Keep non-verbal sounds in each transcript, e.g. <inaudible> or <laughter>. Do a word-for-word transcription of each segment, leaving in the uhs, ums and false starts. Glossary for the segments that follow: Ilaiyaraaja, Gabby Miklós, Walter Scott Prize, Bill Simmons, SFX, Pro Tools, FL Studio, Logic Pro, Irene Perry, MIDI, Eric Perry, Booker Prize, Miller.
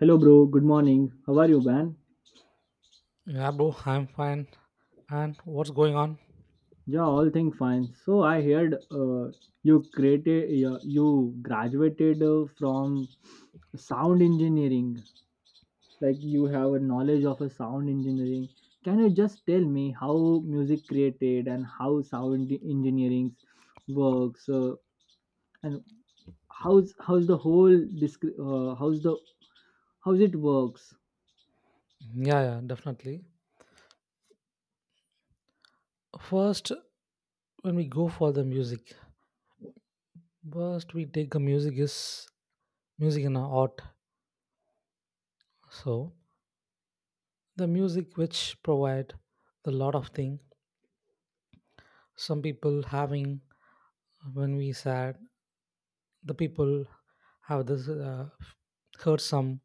Hello, bro. Good morning. How are you, man? Yeah, bro, I'm fine. And what's going on? Yeah, all thing fine. So I heard uh, you created, uh, you graduated uh, from sound engineering. Like you have a knowledge of a sound engineering. Can you just tell me how music created and how sound e-, engineering works uh, and how's how's the whole disc- uh, how's the how's it works? Yeah, yeah, definitely. First, when we go for the music, first we take the music is music and art. So the music which provide the lot of thing. Some people having when we sad, the people have this uh, heard some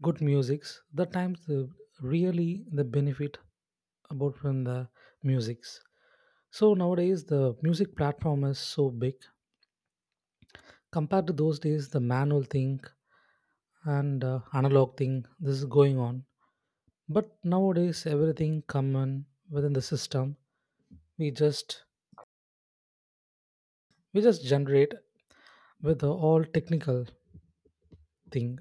good musics the times the really the benefit about from the musics. So nowadays the music platform is so big compared to those days, the manual thing, and uh, analog thing, this is going on. But nowadays everything common within the system, we just we just generate with the all technical thing,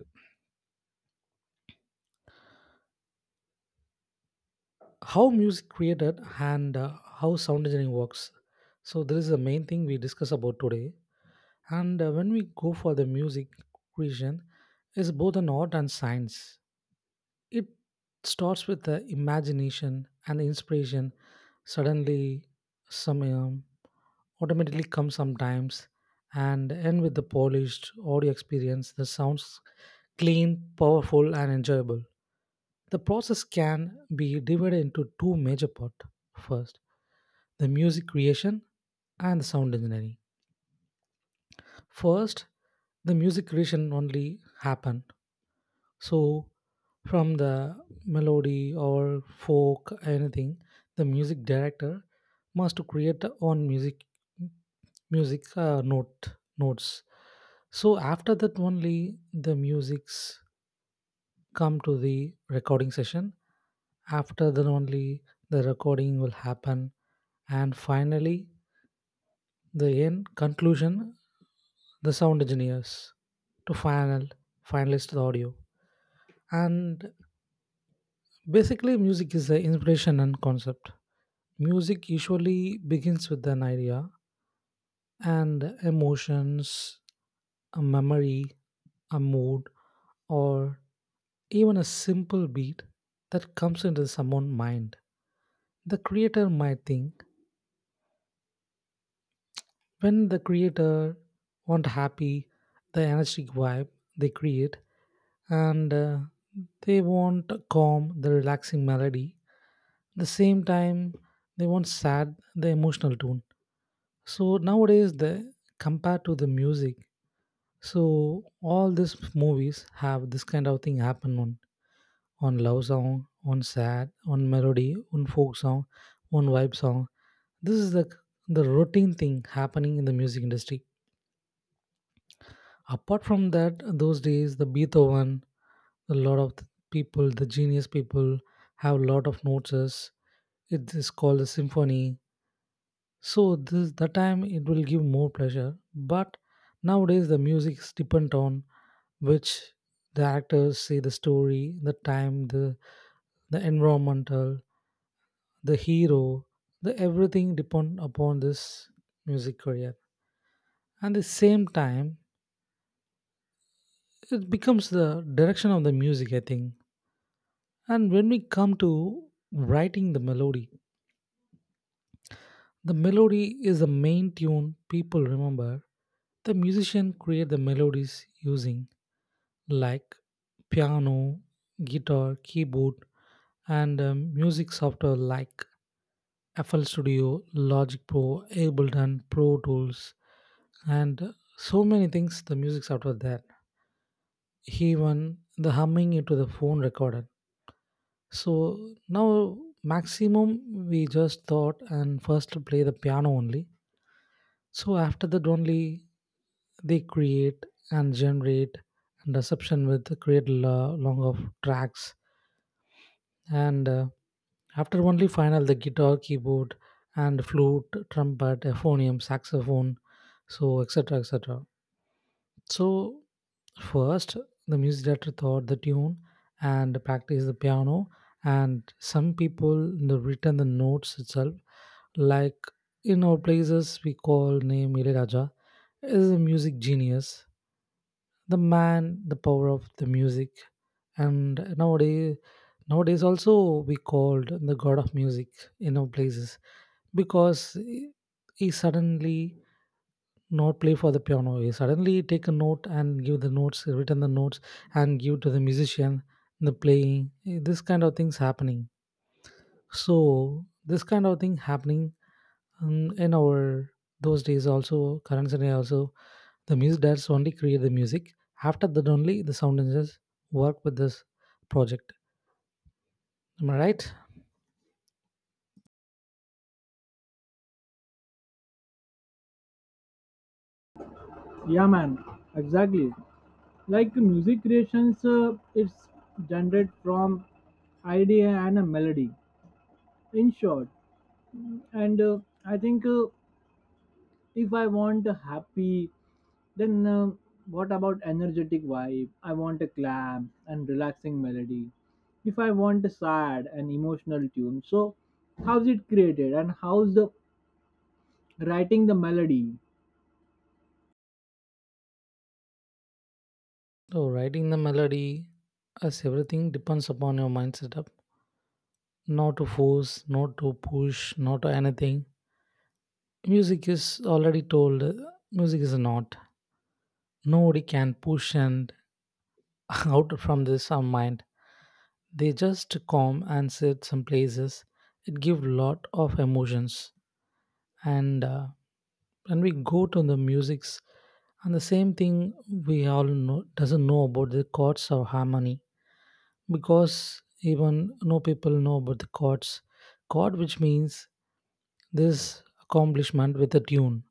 how music created and uh, how sound engineering works. So this is the main thing we discuss about today. And uh, when we go for the music creation, is both an art and science. It starts with the imagination and inspiration. Suddenly, some um, automatically comes sometimes, and end with the polished audio experience that sounds clean, powerful, and enjoyable. The process can be divided into two major parts. First, the music creation and the sound engineering. First, the music creation only happened. So from the melody or folk anything, the music director must to create the own music music uh, note notes. So after that only the musics come to the recording session. After that only the recording will happen, and finally the end conclusion, the sound engineers to final finalist the audio. And basically music is the inspiration and concept. Music usually begins with an idea and emotions, a memory, a mood, or even a simple beat that comes into someone's mind. The creator might think, when the creator want happy, the energetic vibe they create, and uh, they want calm, the relaxing melody. The same time, they want sad, the emotional tone. So nowadays, the compared to the music, so all these movies have this kind of thing happen on on love song, on sad, on melody, on folk song, on vibe song. This is the the routine thing happening in the music industry. Apart from that, those days, the Beethoven, a lot of th- people, the genius people, have a lot of notes. It is called a symphony. So this that time it will give more pleasure. But nowadays the music is dependent on which the actors say, the story, the time, the the environmental, the hero, the everything depend upon this music career. And the same time, it becomes the direction of the music, I think. And when we come to writing the melody, the melody is the main tune people remember. The musician create the melodies using like piano, guitar, keyboard, and um, music software like F L studio, Logic Pro, Ableton, Pro Tools, and so many things, the music software there, even the humming into the phone recorder. So now maximum we just thought and first play the piano only. So after that only they create and generate and reception with create lo- long of tracks, and uh, after only final the guitar, keyboard, and flute, trumpet, euphonium, saxophone, so etc, etc. So first, the music director thought the tune and practiced the piano, and some people, you know, written the notes itself. Like in our places, we call name Ilaiyaraaja, is a music genius, the man, the power of the music. And nowadays, nowadays also we called the god of music in our places, because he he suddenly not play for the piano, he suddenly take a note and give the notes, return the notes and give to the musician the playing, eh, this kind of things happening. So this kind of thing happening um, in our those days also, current scenario also, the music that's only create the music. After that only the sound engineers work with this project. Am I right? Yeah, man. Exactly. Like music creations uh, it's generated from idea and a melody, in short. And uh, I think, uh, if I want a happy, then, uh, what about energetic vibe? I want a calm and relaxing melody. If I want a sad and emotional tune, so how's it created and how's the writing the melody? So writing the melody as everything depends upon your mind setup, not to force, not to push, not to anything. Music is already told, uh, music is not. Nobody can push and <laughs> out from this our mind. They just come and sit some places. It give lot of emotions. And uh, when we go to the musics, and the same thing, we all know doesn't know about the chords or harmony, because even no people know about the chords. Chord which means this accomplishment with a tune,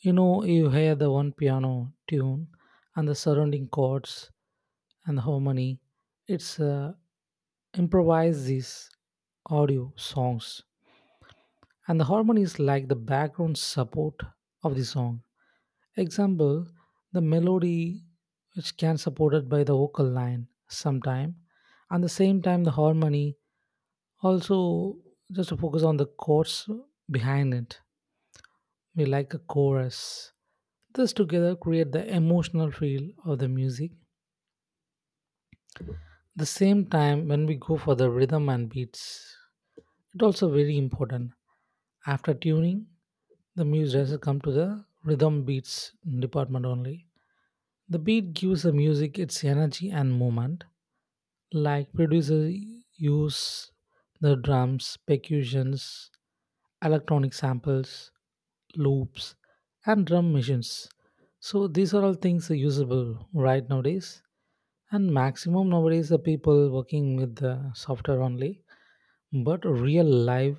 you know, you hear the one piano tune and the surrounding chords and the harmony. It's uh, improvise these audio songs, and the harmony is like the background support of the song. Example, the melody which can supported by the vocal line sometime, and the same time the harmony also just to focus on the chords behind it. We like a chorus. This together create the emotional feel of the music. The same time when we go for the rhythm and beats, it also very important. After tuning, the music has come to the rhythm beats department only. The beat gives the music its energy and movement. Like producers use the drums, percussions, electronic samples, loops, and drum machines. So these are all things are usable right nowadays. And maximum nowadays the people working with the software only, but real life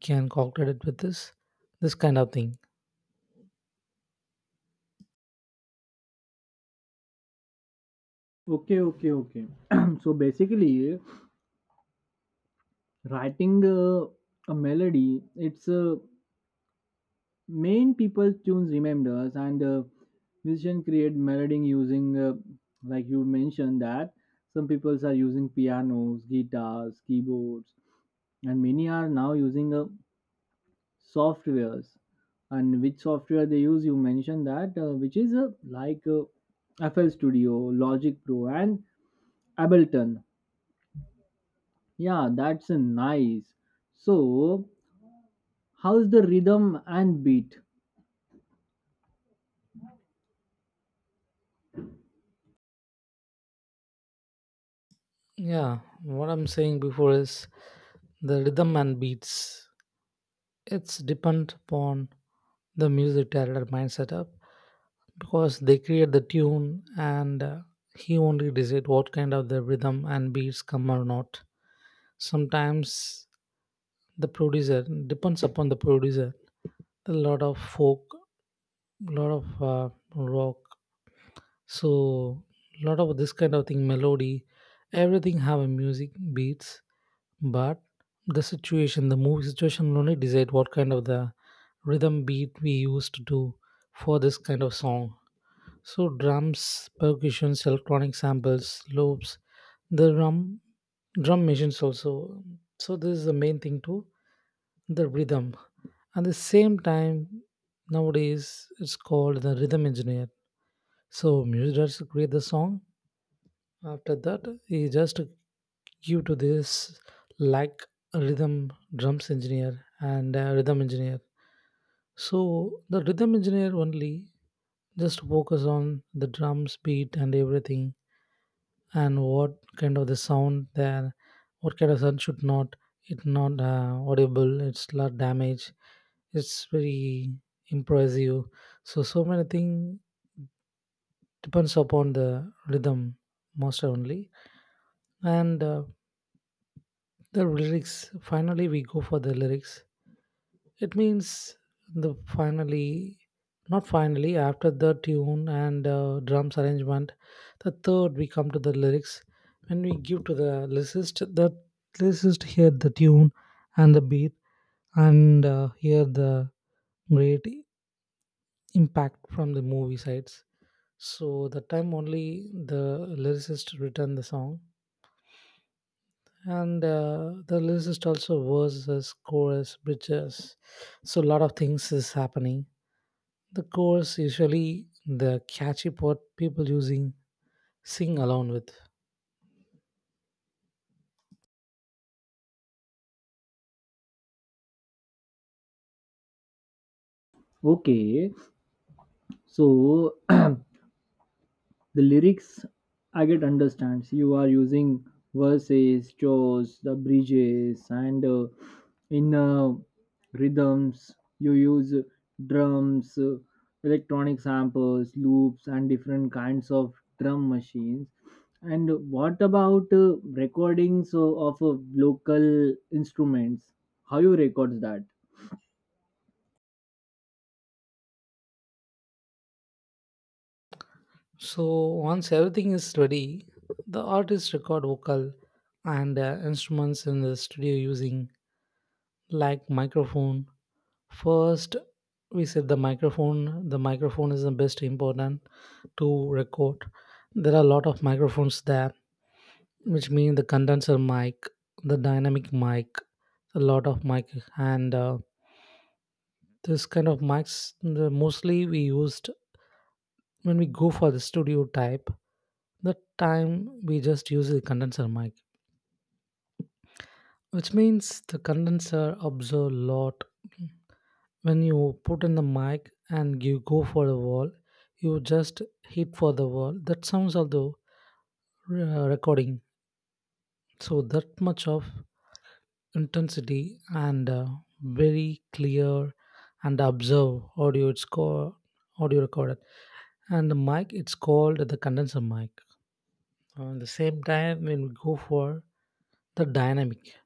can calculate it with this this kind of thing. Okay, okay, okay. <clears throat> So basically, writing uh, a melody, it's a main people tunes remembers. And uh, Musician create melody using, uh, like you mentioned that, some people are using pianos, guitars, keyboards, and many are now using uh, softwares. And which software they use, you mentioned that, uh, which is, uh, like uh, FL Studio, Logic Pro, and Ableton. Yeah, that's uh, nice. So how's the rhythm and beat? Yeah, what I'm saying before is the rhythm and beats. It's depend upon the music director mind setup, because they create the tune and uh, he only decide what kind of the rhythm and beats come or not. Sometimes the producer depends upon the producer. A lot of folk, lot of uh, rock, so lot of this kind of thing melody, everything have a music beats. But the situation, the movie situation will only decide what kind of the rhythm beat we use to do for this kind of song. So drums, percussions, electronic samples, loops, the drum drum machines also. So this is the main thing too, the rhythm. At the same time, nowadays it's called the rhythm engineer. So Muse create the song. After that, he just give to this like a rhythm drums engineer and a rhythm engineer. So the rhythm engineer only just focus on the drums beat and everything, and what kind of the sound there, what kind of sound should not, it not uh, audible, it's not damage, it's very impressive. So so many thing depends upon the rhythm master only. And uh, the lyrics, finally we go for the lyrics. It means the finally, not finally, after the tune and uh, drums arrangement, the third we come to the lyrics. When we give to the lyricist, the lyricist hear the tune and the beat, and uh, hear the great impact from the movie sides. So the time only the lyricist written the song, and uh, the lyricist also verses, chorus, bridges, so a lot of things is happening. The chorus usually the catchy part people using sing along with. Okay, so <clears throat> the lyrics I get understands. You are using verses, chores, the bridges, and uh, in uh, rhythms you use drums, uh, electronic samples, loops, and different kinds of drum machines. And what about, uh, recordings uh, of uh, local instruments? How you records that? So once everything is ready, the artist record vocal and uh, instruments in the studio using like microphone. First, we said the microphone, the microphone is the best important to record. There are a lot of microphones there, which means the condenser mic, the dynamic mic, a lot of mic, and uh, this kind of mics the mostly we used when we go for the studio type. The time we just use the condenser mic, which means the condenser absorb lot. When you put in the mic and you go for the wall, you just hit for the wall. That sounds of the uh, recording. So that much of intensity and uh, very clear and observe audio, it's called audio recorded, and the mic it's called the condenser mic. On the same time when we go for the dynamic,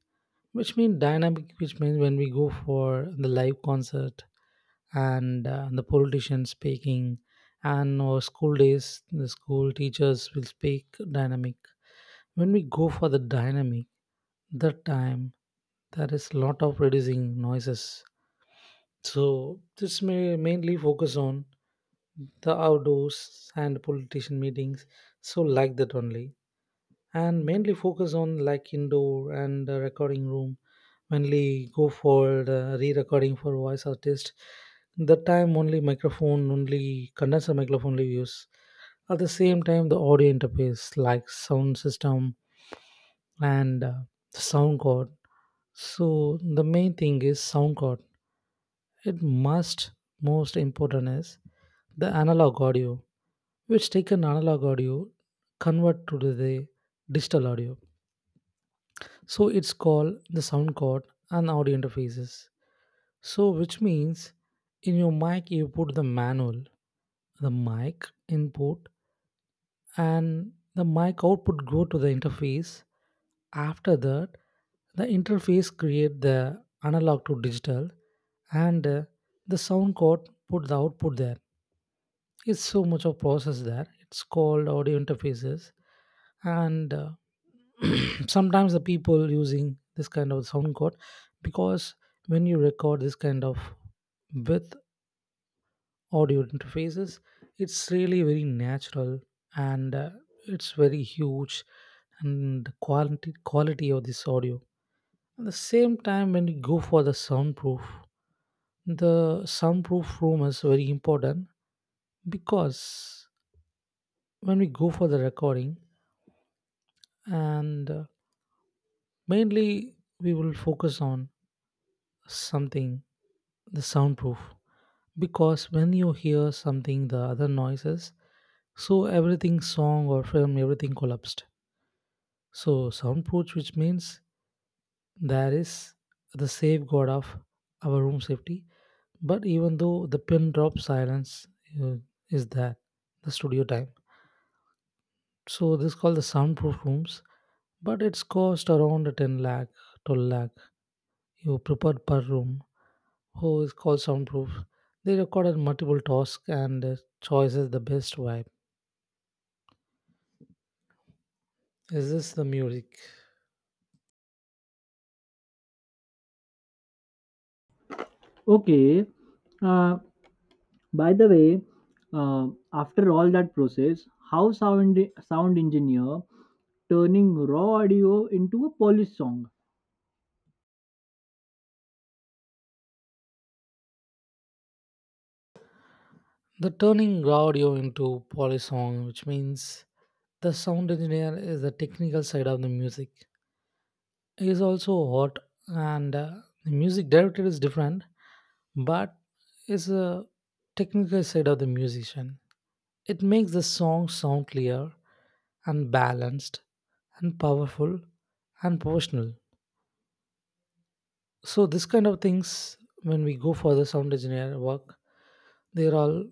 which means dynamic, which means when we go for the live concert and uh, the politician speaking, and our school days the school teachers will speak dynamic. When we go for the dynamic, that time there is lot of reducing noises. So this may mainly focus on the outdoors and politician meetings. So like that only, and mainly focus on like indoor and uh, recording room, mainly go for the re-recording for voice artist. The time only microphone, only condenser microphone only use. At the same time, the audio interface like sound system and uh, sound card. So the main thing is sound card. It must, most important is the analog audio, which take an analog audio, convert to the digital audio. So it's called the sound card and audio interfaces. So which means in your mic you put the manual, the mic input, and the mic output go to the interface. After that the interface create the analog to digital, and uh, the sound code put the output there. It's so much of process there, it's called audio interfaces. And uh, <clears throat> sometimes the people using this kind of sound code, because when you record this kind of with audio interfaces it's really very natural, and uh, it's very huge, and the quality quality of this audio. At the same time when you go for the soundproof, the soundproof room is very important, because when we go for the recording, and uh, mainly we will focus on something, the soundproof, because when you hear something the other noises. So everything song or film, everything collapsed. So soundproof, which means there is the safeguard of our room safety. But even though the pin drop silence uh, is there, the studio time. So this is called the soundproof rooms, but it's cost around ten lakh, twelve lakh. You prepared per room. Who is called soundproof? They recorded multiple tasks and uh, choices the best vibe. Is this the music? Okay, uh, by the way, uh, after all that process, how sound sound engineer turning raw audio into a polished song? The turning audio into polysong, which means the sound engineer is the technical side of the music, is also hot, and uh, the music director is different, but is a technical side of the musician. It makes the song sound clear and balanced and powerful and professional. So this kind of things, when we go for the sound engineer work, they are all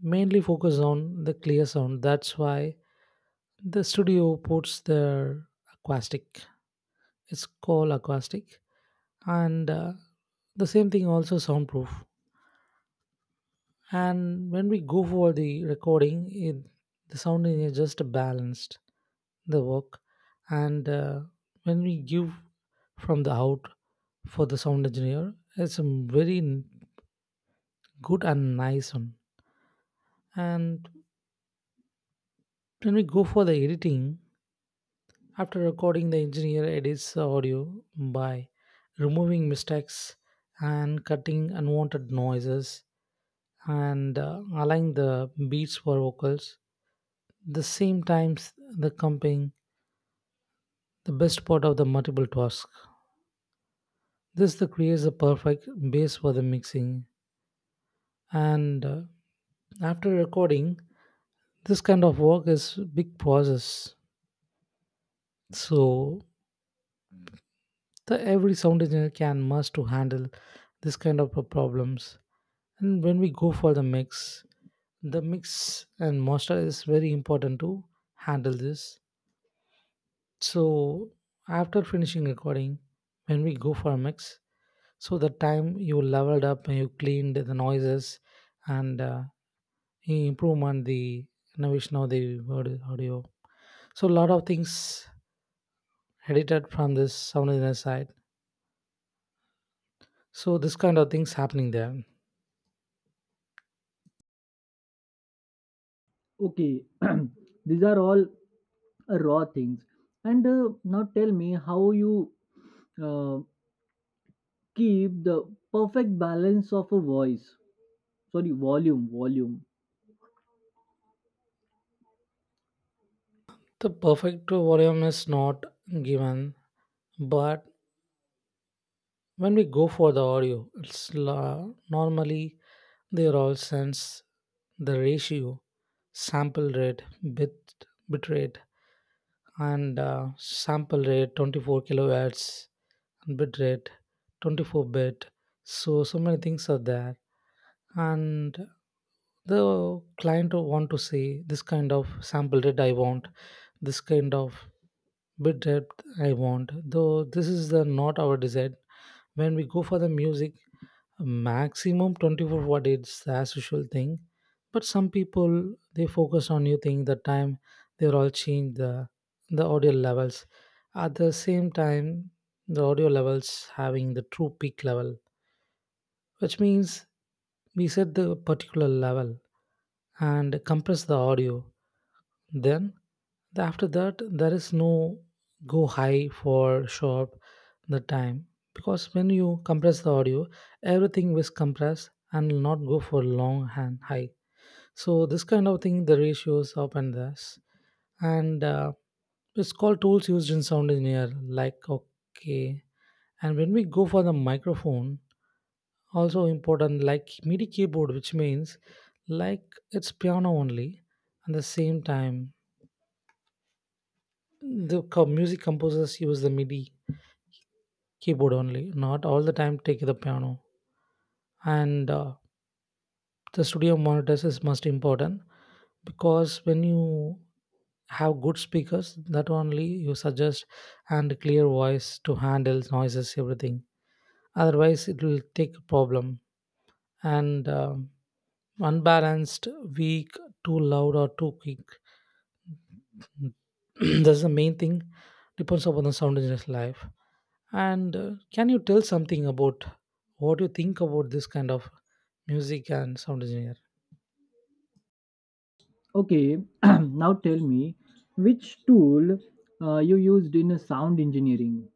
mainly focus on the clear sound. That's why the studio puts their acoustic. It's called acoustic, and uh, the same thing also soundproof. And when we go for the recording, it, the sound is just balanced the work, and uh, when we give from the out for the sound engineer, it's a very n- good and nice one. And when we go for the editing, after recording, the engineer edits the audio by removing mistakes and cutting unwanted noises and uh, aligning the beats for vocals. The same times the comping, the best part of the multiple task. This the creates the perfect base for the mixing. And uh, after recording, this kind of work is big process. So the every sound engineer can must to handle this kind of uh, problems. And when we go for the mix, the mix and master is very important to handle this. So after finishing recording, when we go for a mix, so the time you leveled up and you cleaned the noises, and uh, you improve on the innovation of the aud- audio. So a lot of things edited from this sound design side. So this kind of things happening there. Okay, <clears throat> these are all uh, raw things. And uh, Now tell me how you, uh, keep the perfect balance of a voice. Sorry, volume, volume. The perfect volume is not given, but when we go for the audio it's la- normally they all sense the ratio, sample rate, bit bit rate, and uh, sample rate twenty-four kilohertz and bit rate twenty-four bit, so so many things are there, and the client will want to say this kind of sample rate I want, this kind of bit depth I want, though this is the not our desired. When we go for the music, maximum twenty-four watt is the as usual thing, but some people they focus on new thing the time, they're all change the the audio levels. At the same time the audio levels having the true peak level, which means we set the particular level and compress the audio, then the- after that, there is no go high for short the time, because when you compress the audio, everything is compressed and will not go for long and high. So this kind of thing, the ratios up and this, and uh, it's called tools used in sound engineer. Like okay, and when we go for the microphone, also important like MIDI keyboard, which means like it's piano only. At the same time, the co- music composers use the MIDI keyboard only, not all the time take the piano. And uh, the studio monitors is most important, because when you have good speakers, that only you suggest and clear voice to handle noises everything. Otherwise, it will take a problem and um unbalanced, weak, too loud or too quick. <clears throat> That's the main thing. Depends upon the sound engineer's life. And uh, can you tell something about what you think about this kind of music and sound engineer? Okay, <clears throat> now tell me which tool uh, you used in uh, sound engineering.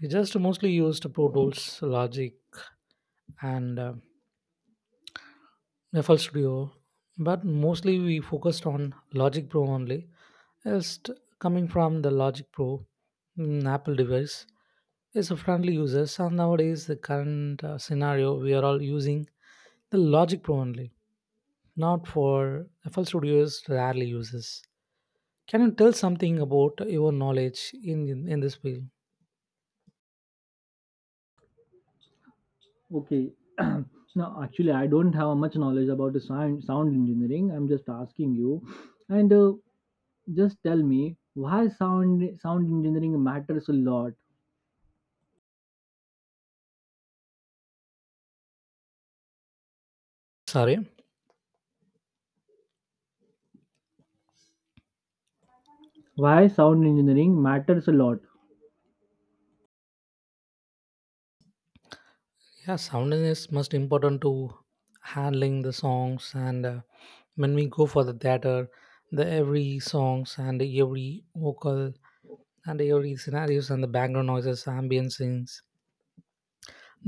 We just mostly used Pro Tools, Logic, and uh, F L Studio, but mostly we focused on Logic Pro only. Just coming from the Logic Pro, mm, Apple device, is a friendly users, and nowadays the current uh, scenario we are all using the Logic Pro only. Not for F L Studio is rarely uses. Can you tell something about your knowledge in in, in this field? Okay. <clears throat> So now, actually, I don't have much knowledge about the sound sound engineering. I'm just asking you, and uh, just tell me why sound sound engineering matters a lot. Sorry. Why sound engineering matters a lot? Yeah, sound is most important to handling the songs, and uh, when we go for the theater, the every songs and every vocal and every scenarios and the background noises, ambient scenes.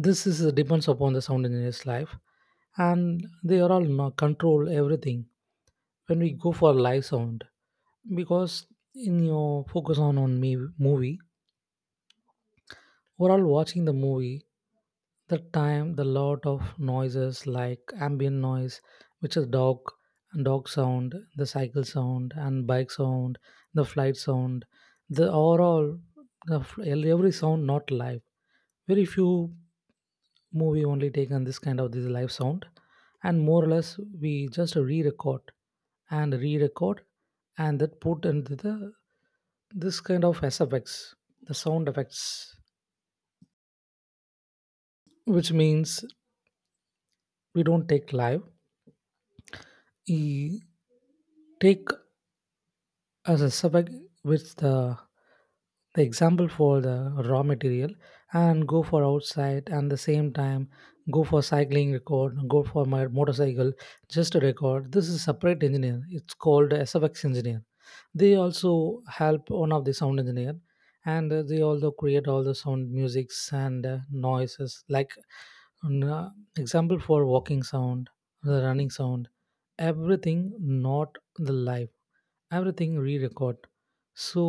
This is depends upon the sound engineer's life, and they are all no- control everything when we go for live sound, because in your focus on on me movie, we're all watching the movie the time the lot of noises like ambient noise which is dog and dog sound, the cycle sound and bike sound, the flight sound, the overall the, f- every sound not live. Very few movie only taken this kind of this live sound, and more or less we just re-record and re-record and that put into the this kind of S F X, the sound effects, which means we don't take live, E- take as a subject with the, the example for the raw material and go for outside, and the same time go for cycling record, go for my motorcycle just to record. This is separate engineer, it's called SFX engineer. They also help one of the sound engineer, and uh, they also create all the sound musics and uh, noises, like n- uh, example for walking sound, the running sound, everything not the live, everything re-record. So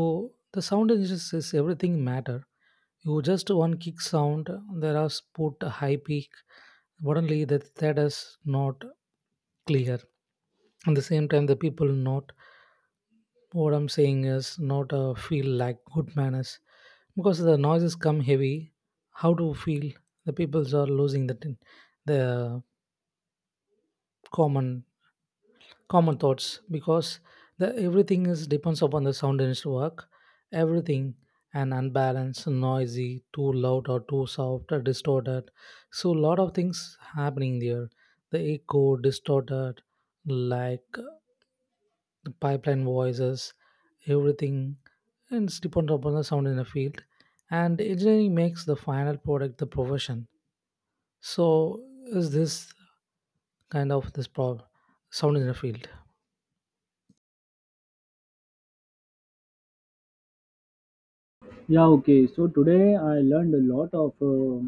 the sound engineers says everything matter. You just one kick sound there are put a high peak, suddenly that that is not clear. At the same time the people not, what I'm saying is, not uh, feel like good manners, because the noises come heavy, how to feel, the peoples are losing the the common common thoughts, because the everything is depends upon the sound in work, everything, and unbalanced, noisy, too loud or too soft or distorted. So lot of things happening there, the echo distorted, like uh, the pipeline voices, everything, and it's dependent upon the sound in the field, and engineering makes the final product the profession. So is this kind of this problem, sound in the field. Yeah. Okay. So today I learned a lot of uh,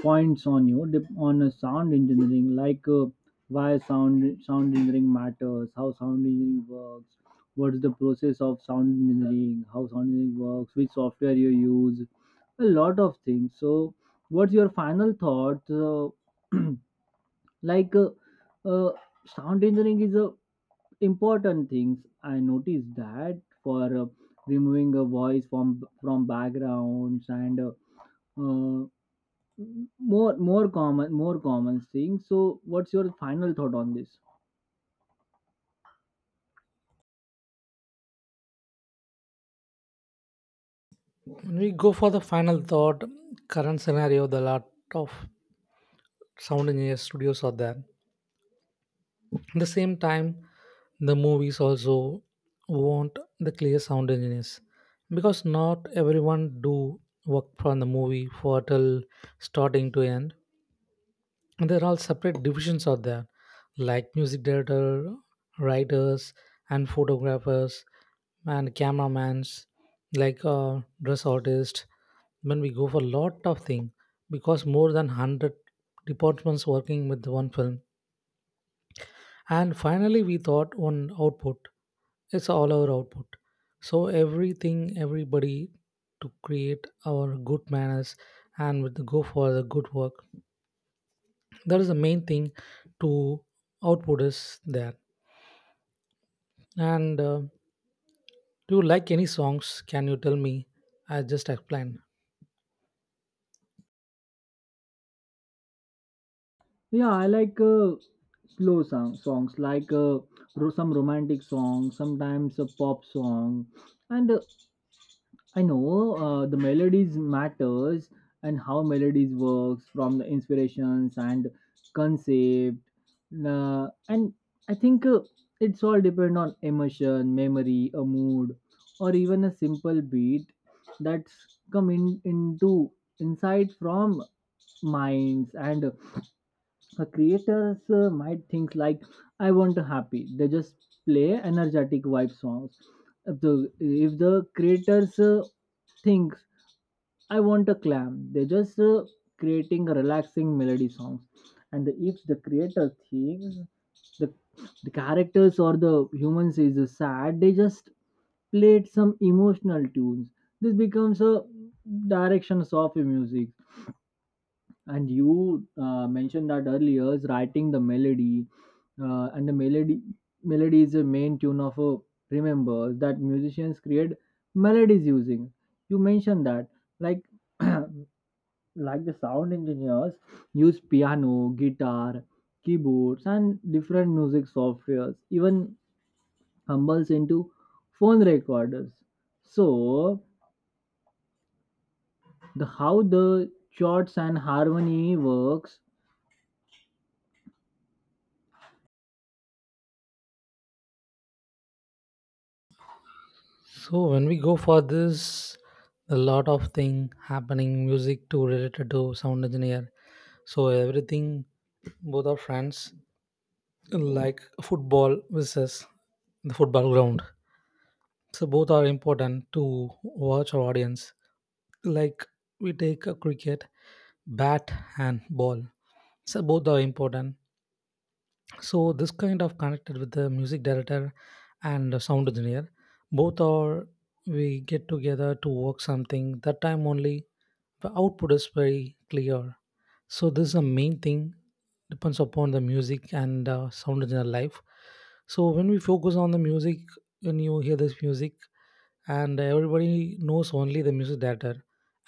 points on you dep- on a sound engineering, like, uh, why sound sound engineering matters, how sound engineering works, what is the process of sound engineering, how sound engineering works, which software you use, a lot of things. So what's your final thought, uh, <clears throat> like, uh, uh, sound engineering is a important things I noticed that, for uh, removing a voice from from backgrounds, and uh, more more common more common thing. So what's your final thought on this? When we go for the final thought, current scenario, the lot of sound engineer studios are there. At the same time, the movies also want the clear sound engineers, because not everyone do work from the movie for till starting to end. And there are all separate divisions out there like music director, writers and photographers and cameramans, like uh, dress artist, when we go for a lot of things, because more than one hundred departments working with one film, and finally we thought on output, it's all our output. So everything everybody to create our good manners and with the go for the good work, that is the main thing, to output is there. And uh, do you like any songs, can you tell me? I just explained. Yeah, I like uh, slow song, songs like, uh, ro- some romantic songs, sometimes a pop song. And uh, I know, uh, the melodies matters, and how melodies works from the inspirations and concept, uh, and I think, uh, it's all depend on emotion, memory, a mood, or even a simple beat that's come in into insight from minds. And uh, Creators uh, might think like, I want a happy, they just play energetic vibe songs. If the if the creators uh, thinks, I want a clam, they just uh, creating a relaxing melody songs. And the, if the creator thinks the, the characters or the humans is uh, sad, they just played some emotional tunes. This becomes a direction of music. And you uh, mentioned that earlier is writing the melody, uh, and the melody, melody is the main tune of a remember that musicians create melodies using, you mentioned that, like <clears throat> like the sound engineers use piano, guitar, keyboards, and different music softwares, even humbles into phone recorders. So the how the chords and harmony works? So when we go for this, a lot of thing happening music to related to sound engineer, so everything both are friends, like football versus the football ground. So both are important to watch our audience. Like we take a cricket, bat and ball. So both are important. So this kind of connected with the music director and the sound engineer, both are, we get together to work something, that time only the output is very clear. So this is the main thing, depends upon the music and uh, sound engineer life. So when we focus on the music, when you hear this music, and everybody knows only the music director,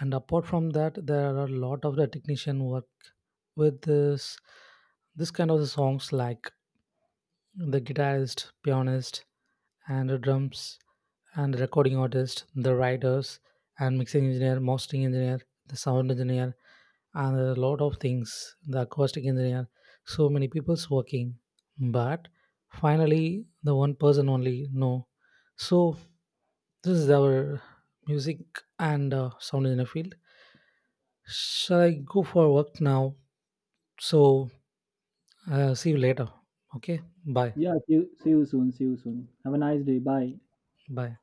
and apart from that there are a lot of the technician work with this, this kind of the songs, like the guitarist, pianist, and the drums and the recording artist, the writers and mixing engineer, mastering engineer, the sound engineer, and a lot of things, the acoustic engineer, so many people's working. But finally the one person only no. So this is our music and uh, sound engineer field. Shall I go for work now? So uh, see you later. Okay, bye. Yeah, see you, see you soon. See you soon. Have a nice day. Bye. Bye.